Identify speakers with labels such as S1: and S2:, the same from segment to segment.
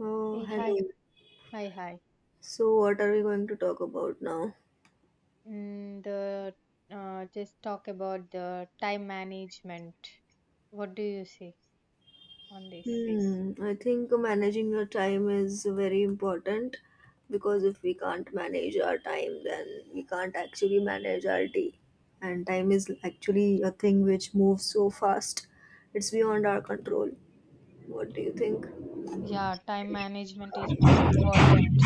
S1: Oh,
S2: Hey,
S1: hello.
S2: hi, hi, hi.
S1: So, what are we going to talk about now?
S2: Mm, the Just talk about the time management. What do you say on this?
S1: Hmm, I think managing your time is very important because if we can't manage our time, then we can't actually manage our day. And time is actually a thing which moves so fast, it's beyond our control. What do you think?
S2: Yeah, time management is more important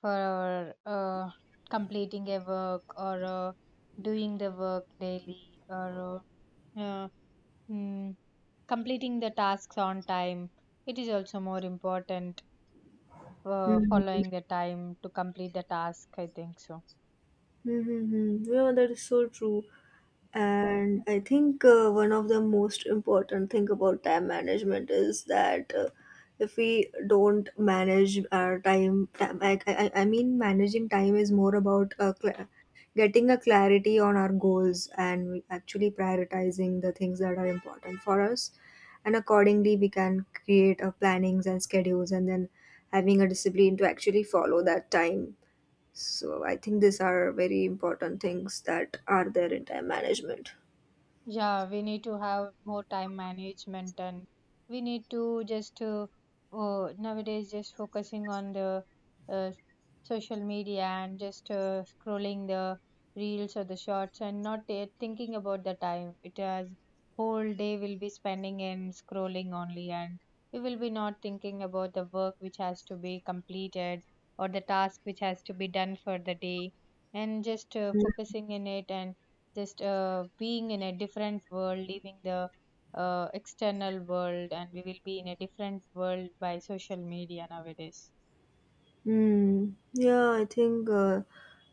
S2: for completing a work or doing the work daily or uh, uh, mm, completing the tasks on time. It is also more important for following
S1: Mm-hmm.
S2: the time to complete the task, I think so.
S1: Mm-hmm. Yeah, that is so true. And I think one of the most important thing about time management is that if we don't manage our time, I mean managing time is more about getting a clarity on our goals and actually prioritizing the things that are important for us, and accordingly we can create our plannings and schedules, and then having a discipline to actually follow that time. So I think these are very important things that are there in time management.
S2: Yeah, we need to have more time management, and we need to just nowadays just focusing on the uh, social media and just scrolling the reels or the shorts and not thinking about the time. It has whole day will be spending in scrolling only, and we will be not thinking about the work which has to be completed or the task which has to be done for the day, and just focusing in it, and just being in a different world, leaving the external world, and we will be in a different world by social media nowadays.
S1: Hmm. Yeah, I think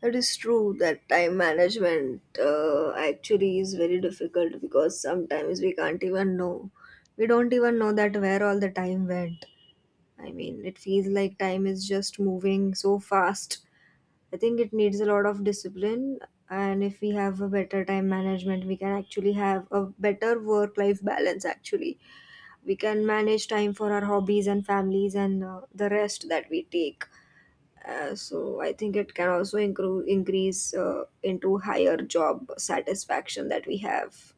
S1: it is true that time management actually is very difficult, because sometimes we can't even know. We don't even know that where all the time went. I mean, it feels like time is just moving so fast. I think it needs a lot of discipline, and if we have a better time management, we can actually have a better work-life balance. Actually, we can manage time for our hobbies and families and the rest that we take. So I think it can also increase into higher job satisfaction that we have.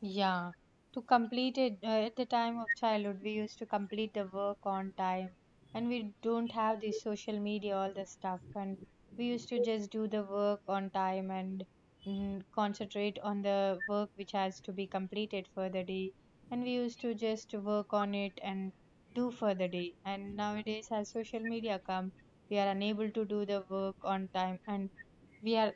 S2: Yeah, to complete it, at the time of childhood, we used to complete the work on time, and we don't have the social media, all the stuff, and we used to just do the work on time and concentrate on the work which has to be completed for the day, and we used to just work on it and do for the day. And nowadays, as social media come, we are unable to do the work on time, and we are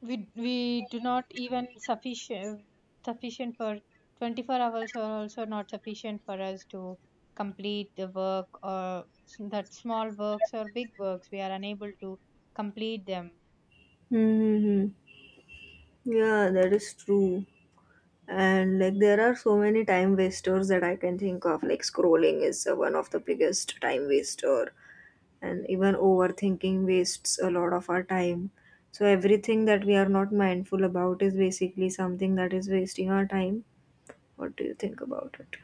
S2: we do not even sufficient for 24 hours are also not sufficient for us to complete the work, or s- that small works or big works we are unable to complete them.
S1: Mm-hmm. Yeah, that is true. And like there are so many time wasters that I can think of. Like scrolling is one of the biggest time waster, and even overthinking wastes a lot of our time. So everything that we are not mindful about is basically something that is wasting our time. What do you think about it?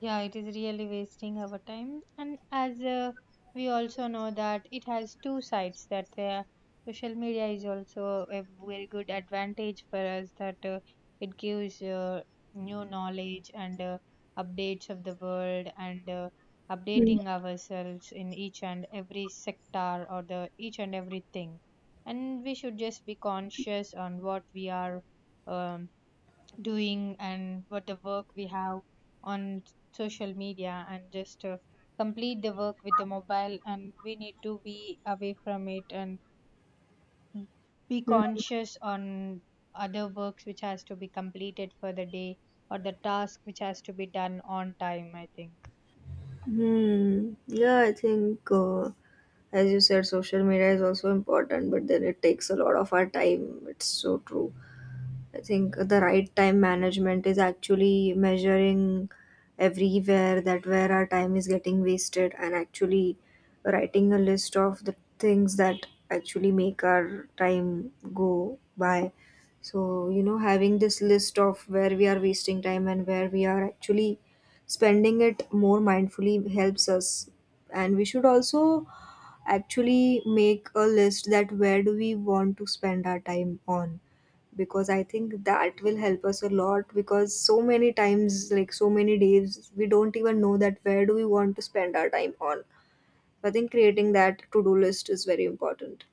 S2: Yeah, it is really wasting our time. And as we also know that it has two sides, that social media is also a very good advantage for us, that it gives new knowledge and updates of the world, and updating ourselves in each and every sector or the each and everything. And we should just be conscious on what we are um, doing, and what the work we have on social media, and just complete the work with the mobile, and we need to be away from it and be
S1: Hmm.
S2: conscious on other works which has to be completed for the day or the task which has to be done on time, I think.
S1: Hmm. Yeah, I think, as you said, social media is also important, but then it takes a lot of our time. It's so true. I think the right time management is actually measuring everywhere that where our time is getting wasted, and actually writing a list of the things that actually make our time go by. So, you know, having this list of where we are wasting time and where we are actually spending it more mindfully helps us. And we should also actually make a list that where do we want to spend our time on, because I think that will help us a lot, because so many times, like so many days, we don't even know that where do we want to spend our time on. So I think creating that to do list is very important.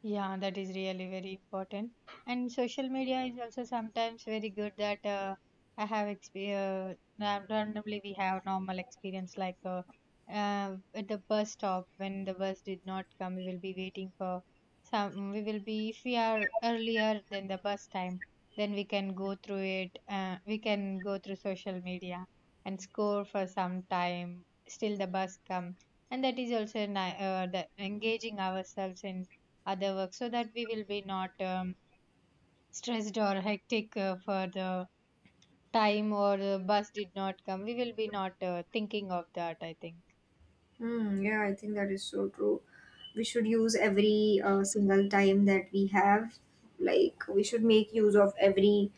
S2: Yeah, that is really very important. And social media is also sometimes very good, that I have exper ra- randomly we have normal experience like at the bus stop, when the bus did not come, we will be waiting for some. We will be, if we are earlier than the bus time, then we can go through it. We can go through social media and score for some time. Still the bus come, and that is also the engaging ourselves in other work so that we will be not stressed or hectic for the time, or the bus did not come we will be not thinking of that, I think.
S1: Hmm, yeah, I think that is so true. We should use every single time that we have. Like we should make use of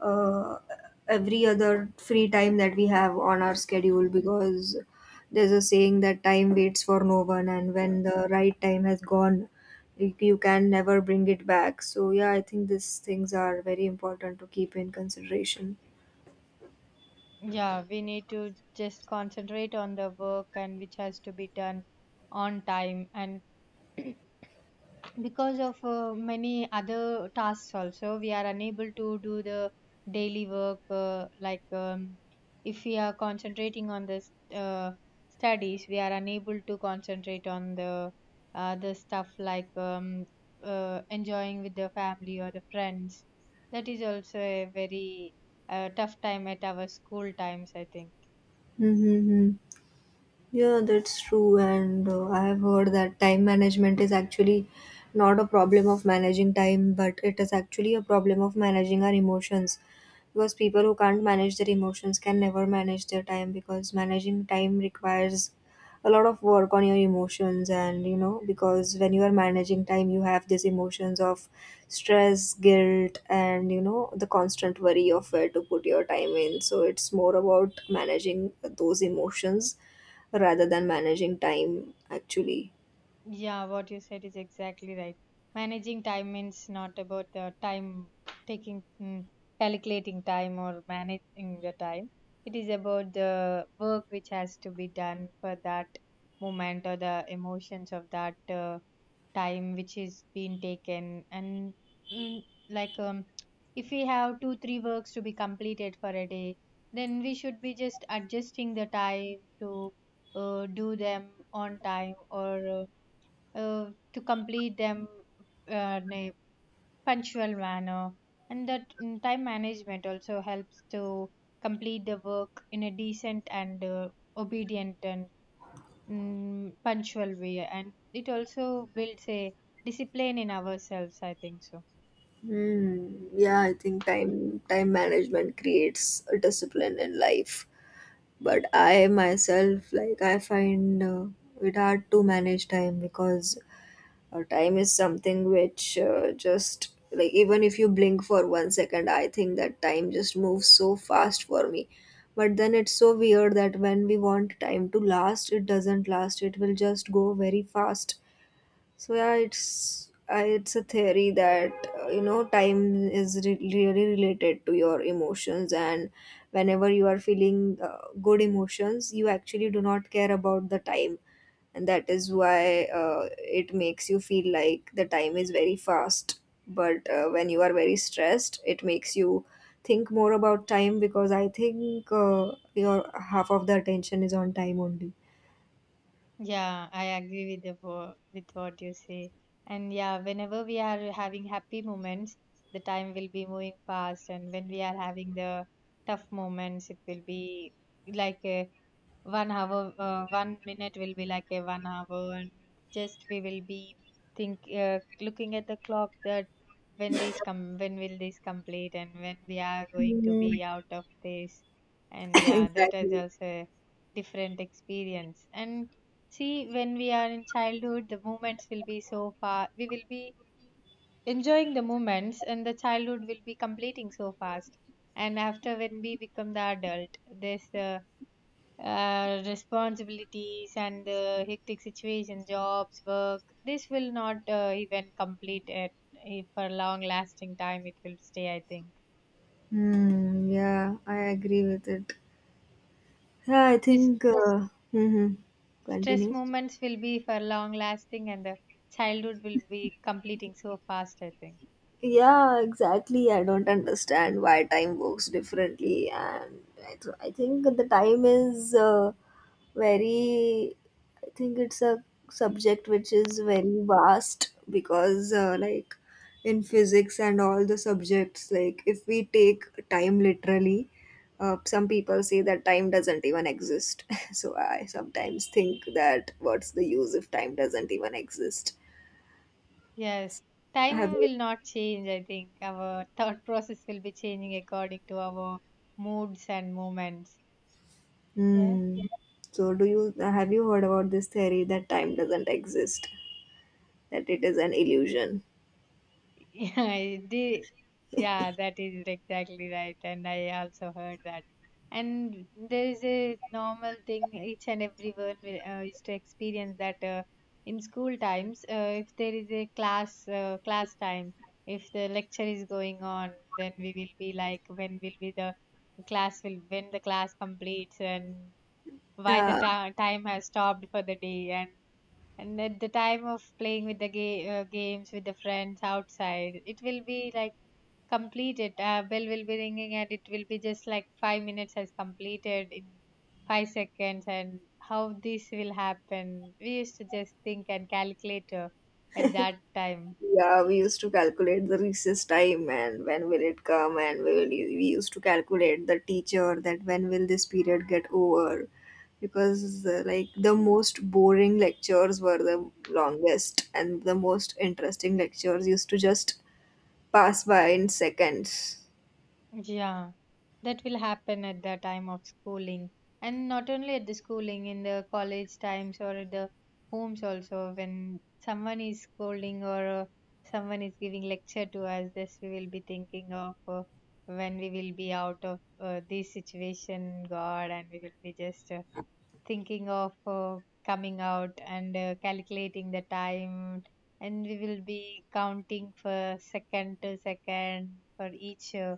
S1: uh, every other free time that we have on our schedule, because there's a saying that time waits for no one, and when the right time has gone, you can never bring it back. So yeah, I think these things are very important to keep in consideration.
S2: Yeah, we need to just concentrate on the work and which has to be done on time and because of many other tasks also we are unable to do the daily work, like if we are concentrating on this studies we are unable to concentrate on the stuff like enjoying with the family or the friends, that is also a very tough time at our school times, I think.
S1: Mm-hmm. Mm-hmm. Yeah, that's true. And I have heard that time management is actually not a problem of managing time, but it is actually a problem of managing our emotions. Because people who can't manage their emotions can never manage their time, because managing time requires a lot of work on your emotions. And because when you are managing time, you have these emotions of stress, guilt, and the constant worry of where to put your time in. So it's more about managing those emotions rather than managing time actually.
S2: Yeah, what you said is exactly right. Managing time means not about the time taking, calculating time or managing the time. It is about the work which has to be done for that moment or the emotions of that time which is being taken. And mm, like, um, if we have two, three works to be completed for a day, then we should be just adjusting the time to do them on time, or to complete them in a punctual manner, and that time management also helps to complete the work in a decent and obedient and punctual way, and it also builds a discipline in ourselves, I think so.
S1: Hmm. Yeah, I think time management creates a discipline in life, but I myself, like, I find it hard to manage time, because time is something which, just like even if you blink for 1 second, I think that time just moves so fast for me. But then it's so weird that when we want time to last, it doesn't last, it will just go very fast. So yeah, it's a theory that time is really related to your emotions, and whenever you are feeling good emotions, you actually do not care about the time, and that is why it makes you feel like the time is very fast. But when you are very stressed, it makes you think more about time, because I think your half of the attention is on time only.
S2: Yeah, I agree with the with what you say. And yeah, whenever we are having happy moments, the time will be moving fast, and when we are having the tough moments, it will be like a 1 hour, 1 minute will be like a 1 hour, and just we will be think looking at the clock that when this come, when will this complete, and when we are going to
S1: Hmm.
S2: be out of this, and yeah, that is
S1: Exactly.
S2: also a different experience. And see, when we are in childhood, the moments will be so far. We will be enjoying the moments, and the childhood will be completing so fast. And after when we become the adult, there's the responsibilities and the hectic situation, jobs, work. This will not even complete it for long lasting time. It will stay, I think.
S1: Hmm. Yeah, I agree with it. Yeah, I
S2: This
S1: think.
S2: stress
S1: Continue.
S2: moments will be for long lasting, and the childhood will be completing so fast, I think.
S1: Yeah, exactly. I don't understand why time works differently, and I think the time is very. I think it's a subject which is very vast because, like, in physics and all the subjects, like if we take time literally. Some people say that time doesn't even exist. So I sometimes think that what's the use if time doesn't even exist?
S2: Yes,
S1: Have
S2: time
S1: you?
S2: will not change. I think our thought process will be changing according to our moods and moments. Yeah.
S1: Hmm. So do you have you heard about this theory that time doesn't exist? That it is an illusion.
S2: Yeah, the Yeah, that is exactly right. And I also heard that. And there is a normal thing each and everyone will, used to experience that in school times, if there is a class time, if the lecture is going on, then we will be like, when will be the class will when the class completes, and why the
S1: Uh,
S2: time has stopped for the day, and at the time of playing with the games with the friends outside, it will be like completed bell will be ringing, and it will be just like 5 minutes has completed in 5 seconds, and how this will happen we used to just think and calculate at that time.
S1: yeah, we used to calculate the recess time and when will it come, and we used to calculate the teacher that when will this period get over, because like the most boring lectures were the longest and the most interesting lectures used to just pass by in seconds.
S2: Yeah, that will happen at the time of schooling, and not only at the schooling, in the college times or at the homes also. When someone is scolding or someone is giving lecture to us, this we will be thinking of when we will be out of this situation, God, and we will be just thinking of coming out and calculating the time, and we will be counting for second to second for each uh,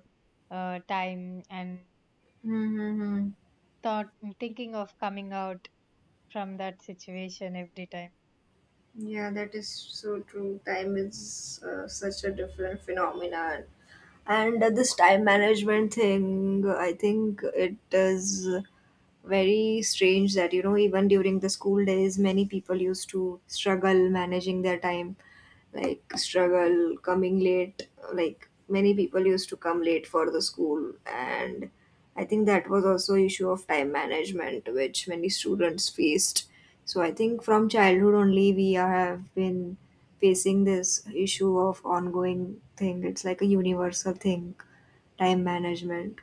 S2: uh, time and
S1: Mm-hmm.
S2: thought thinking of coming out from that situation every time.
S1: Yeah, that is so true. Time is such a different phenomenon. And this time management thing, I think it is very strange that even during the school days many people used to struggle managing their time, like struggle coming late, like many people used to come late for the school. And I think that was also issue of time management which many students faced. So I think from childhood only we have been facing this issue of ongoing thing. It's like a universal thing, time management.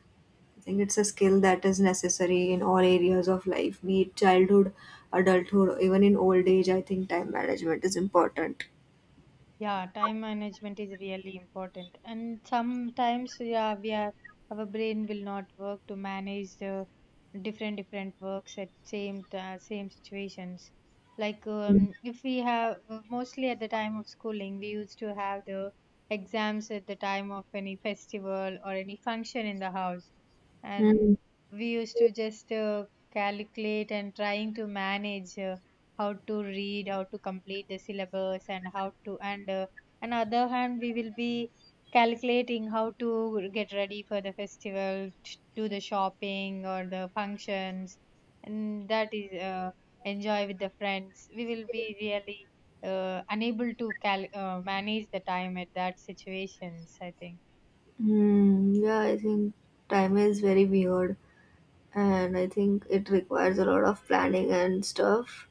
S1: I think it's a skill that is necessary in all areas of life, be it childhood, adulthood, even in old age. I think time management is important.
S2: Yeah, time management is really important. And sometimes, yeah, we are our brain will not work to manage the different different works at same situations. Like if we have mostly at the time of schooling, we used to have the exams at the time of any festival or any function in the house, and
S1: Mm.
S2: we used to just calculate and trying to manage. How to read how to complete the syllabus and how to and on the other hand we will be calculating how to get ready for the festival do the shopping or the functions, and that is enjoy with the friends, we will be really unable to cal- manage the time at that situations, I think.
S1: Hmm, yeah, I think time is very weird, and I think it requires a lot of planning and stuff.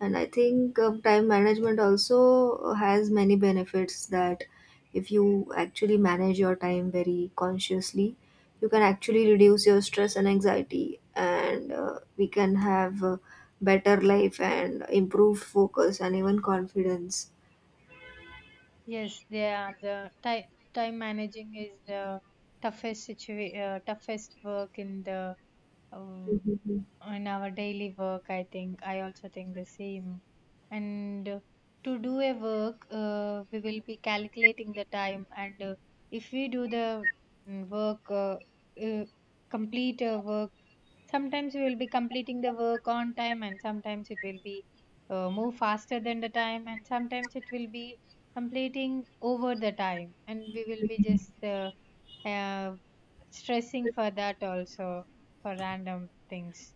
S1: And I think time management also has many benefits, that if you actually manage your time very consciously, you can actually reduce your stress and anxiety, and we can have a better life and improved focus and even confidence.
S2: Yes, they are the time managing is the toughest work in the um,
S1: Mhm.
S2: in our daily work, I think I also think the same. And to do a work we will be calculating the time, and if we do the mm, work uh, uh, work, sometimes we will be completing the work on time, and sometimes it will be move faster than the time, and sometimes it will be completing over the time, and we will be just uh, stressing for that also, for random things.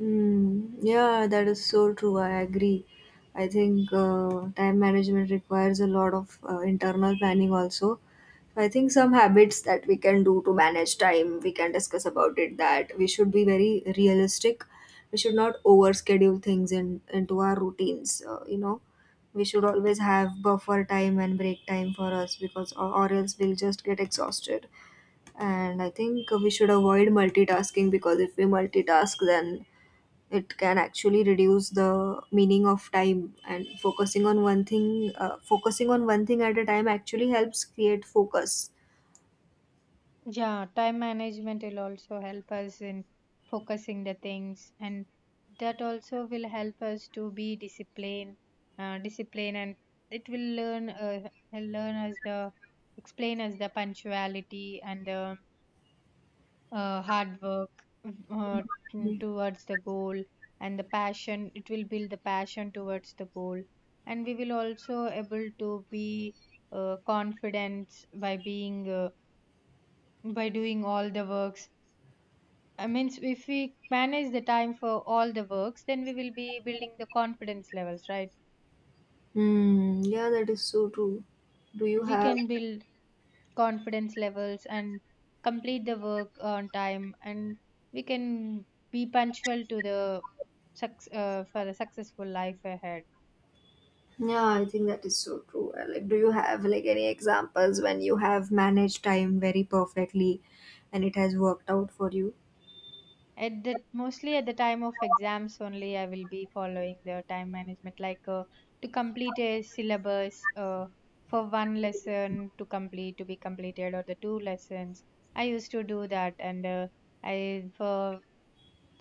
S1: Mm, yeah, that is so true. I agree. I think time management requires a lot of internal planning also. So, I think some habits that we can do to manage time, we can discuss about it that we should be very realistic. We should not overschedule things in into our routines. We should always have buffer time and break time for us, or else we'll just get exhausted. And I think we should avoid multitasking, because if we multitask, then it can actually reduce the meaning of time, and focusing on one thing at a time actually helps create focus.
S2: Yeah, time management will also help us in focusing the things, and that also will help us to be disciplined, and it will learn us the, explain us the punctuality and the hard work uh,
S1: Mhm.
S2: towards the goal and the passion. It will build the passion towards the goal, and we will also able to be confident by being by doing all the works. I mean, if we manage the time for all the works, then we will be building the confidence levels, right?
S1: Hmm. Yeah, that is so true. Do you
S2: We
S1: have
S2: can build confidence levels and complete the work on time, and we can be punctual to the for the successful life ahead.
S1: Yeah, I think that is so true. Like, do you have like any examples when you have managed time very perfectly and it has worked out for you?
S2: At the mostly at the time of exams only I will be following the time management, to complete a syllabus, for one lesson to complete to be completed or the two lessons. I used to do that, and I for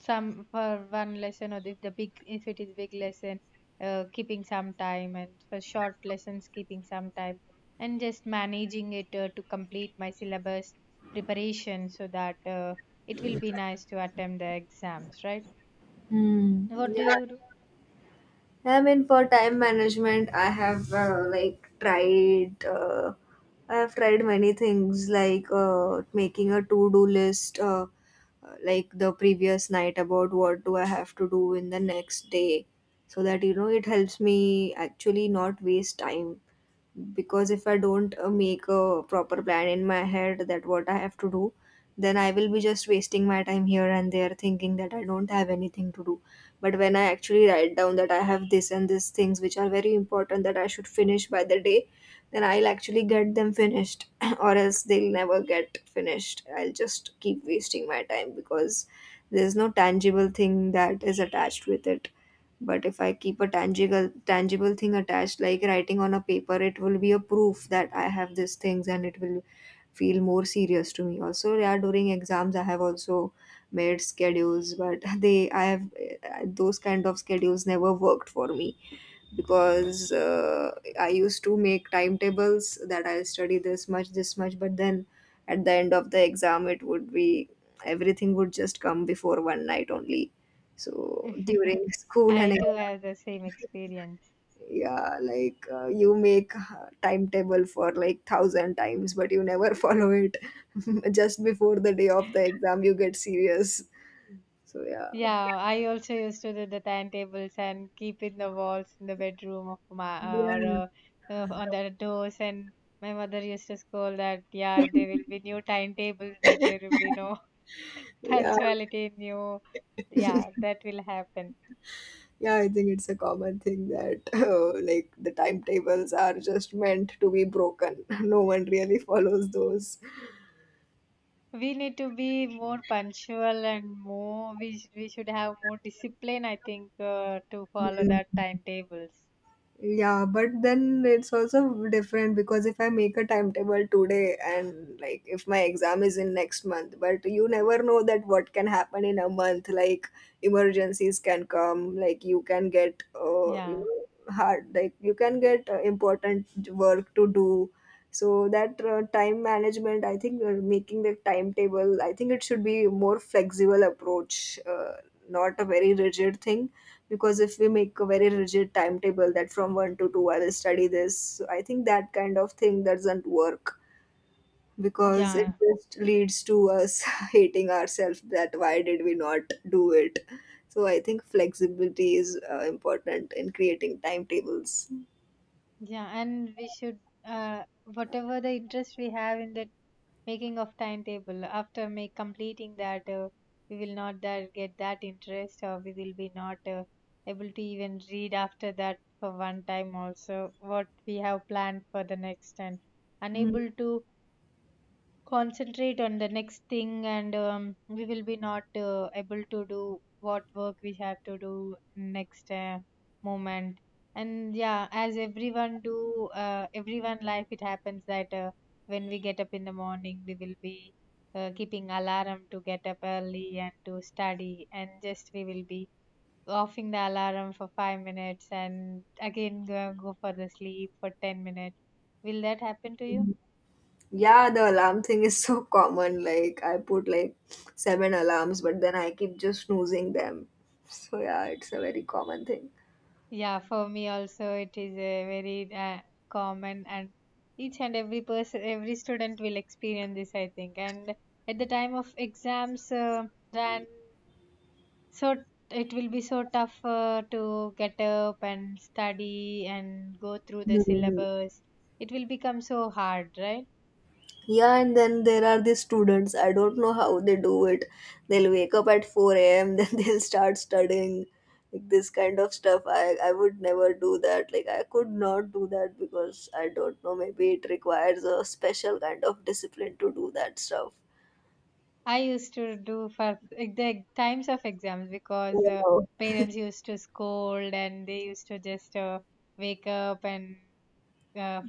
S2: some for one lesson, or if the big if it is big lesson, keeping some time, and for short lessons keeping some time and just managing it to complete my syllabus preparation, so that it will be nice to attempt the exams, right?
S1: Hmm.
S2: What do
S1: Yeah.
S2: you do?
S1: I mean, for time management, I have, like, tried. I have tried many things like making a to-do list, like the previous night about what do I have to do in the next day, so that it helps me actually not waste time, because if I don't make a proper plan in my head that what I have to do, then I will be just wasting my time here and there, thinking that I don't have anything to do. But when I actually write down that I have this and these things which are very important that I should finish by the day, then I'll actually get them finished. Or else they'll never get finished, I'll just keep wasting my time because there's no tangible thing that is attached with it. But if I keep a tangible thing attached, like writing on a paper, it will be a proof that I have these things, and it will feel more serious to me. Also, yeah, during exams, I have also made schedules, but they I have those kind of schedules never worked for me, because I used to make timetables that I study this much, but then at the end of the exam, it would be everything would just come before one night only. So during school and
S2: I too have the same experience.
S1: yeah, like, you make a timetable for like thousand times, but you never follow it. Just before the day of the exam you get serious. So yeah.
S2: Yeah, I also used to do the timetables and keep in the walls in the bedroom of my or
S1: Yeah.
S2: on the doors. And my mother used to scold that, yeah, there will be new timetables, but there will be no
S1: Yeah,
S2: punctuality, new. Yeah, that will happen.
S1: yeah, I think it's a common thing that like the timetables are just meant to be broken. No one really follows those.
S2: We need to be more punctual and more, we, sh- we should have more discipline, I think, to follow that timetables.
S1: Yeah, but then it's also different, because if I make a timetable today and like if my exam is in next month, but you never know that what can happen in a month. Like emergencies can come, like you can get,
S2: Yeah,
S1: hard, like you can get important work to do. So that, time management, I think, making the timetable, I think it should be more flexible approach, not a very rigid thing, because if we make a very rigid timetable that from 1 to 2 I will study this, I think that kind of thing doesn't work, because it
S2: yeah.
S1: just leads to us hating ourselves that why did we not do it. So I think flexibility is important in creating timetables.
S2: Yeah, and we should, whatever the interest we have in the making of timetable, after make completing that, we will not that get that interest, or we will be not able to even read after that for one time also what we have planned for the next, and
S1: Mm.
S2: unable to concentrate on the next thing, and we will be not able to do what work we have to do next moment. And yeah, as everyone do, everyone life it happens that when we get up in the morning we will be keeping alarm to get up early and to study, and just we will be offing the alarm for 5 minutes and again go for the sleep for 10 minutes. Will that happen to you?
S1: Yeah, the alarm thing is so common, like I put like seven alarms but then I keep just snoozing them. So yeah, it's a very common thing.
S2: Yeah, for me also it is a very common, and each and every person, every student will experience this, I think. And at the time of exams, then so it will be so tough to get up and study and go through the
S1: Mhm.
S2: syllabus. It will become so hard, right?
S1: Yeah, and then there are the students. I don't know how they do it. They'll wake up at 4 a.m., then they'll start studying. Like this kind of stuff, I would never do that. Like, I could not do that because I don't know, maybe it requires a special kind of discipline to do that stuff.
S2: I used to do for the times of exams because
S1: Yeah.
S2: parents used to scold, and they used to just wake up, and uh,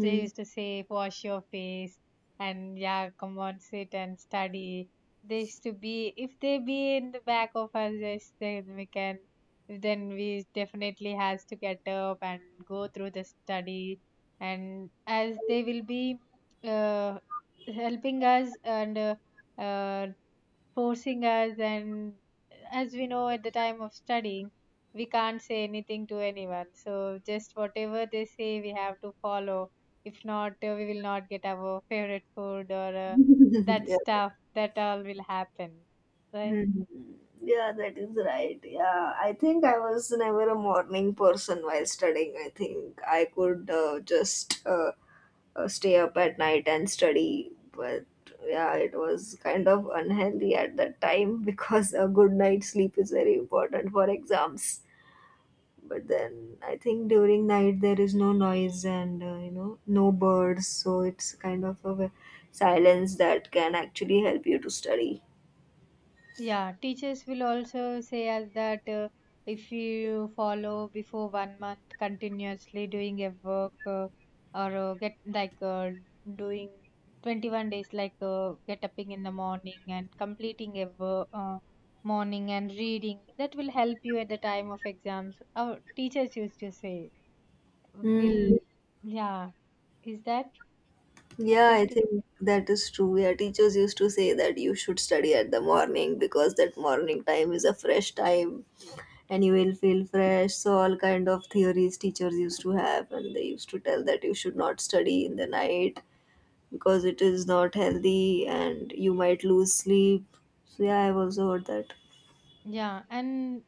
S2: they used to say, wash your face, and yeah, come on, sit and study. They used to be, if they be in the back of us, yes, then we can, then we definitely has to get up and go through the study. And as they will be uh, helping us and uh, forcing us, and as we know at the time of studying we can't say anything to anyone, so just whatever they say we have to follow. If not, we will not get our favorite food, or that
S1: Yeah.
S2: stuff, that all will happen, right?
S1: Yeah, that is right. Yeah, I think I was never a morning person while studying. I think I could, just, stay up at night and study. But yeah, it was kind of unhealthy at that time, because a good night's sleep is very important for exams. But then I think during night there is no noise and no birds, so it's kind of a silence that can actually help you to study.
S2: Yeah, teachers will also say us that, if you follow before one month continuously doing a work, or get like doing 21 days, like get up in the morning and completing a wo- morning and reading, that will help you at the time of exams. Our teachers used to say, will,
S1: Hmm.
S2: yeah, is that
S1: Yeah, I
S2: happened to you?
S1: think that is true. Yeah, teachers used to say that you should study at the morning because that morning time is a fresh time and you will feel fresh. So all kind of theories teachers used to have, and they used to tell that you should not study in the night because it is not healthy and you might lose sleep. So yeah, I've also heard that.
S2: Yeah, and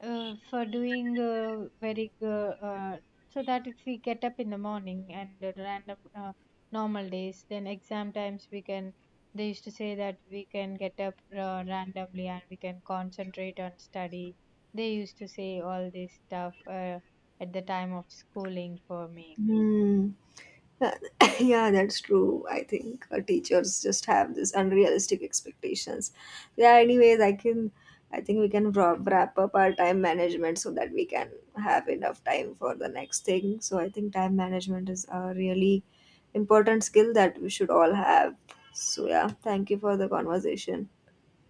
S2: for doing very, so that if we get up in the morning and random normal days, then exam times we can, they used to say that we can get up randomly and we can concentrate on study. They used to say all this stuff at the time of schooling for me.
S1: Hmm. Yeah, that's true. I think teachers just have this unrealistic expectations. Yeah, anyways, I think we can wrap up our time management so that we can have enough time for the next thing. So I think time management is a really important skill that we should all have. So yeah, thank you for the conversation.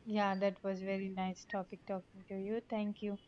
S2: Yeah, that was very nice topic talking to you. Thank you.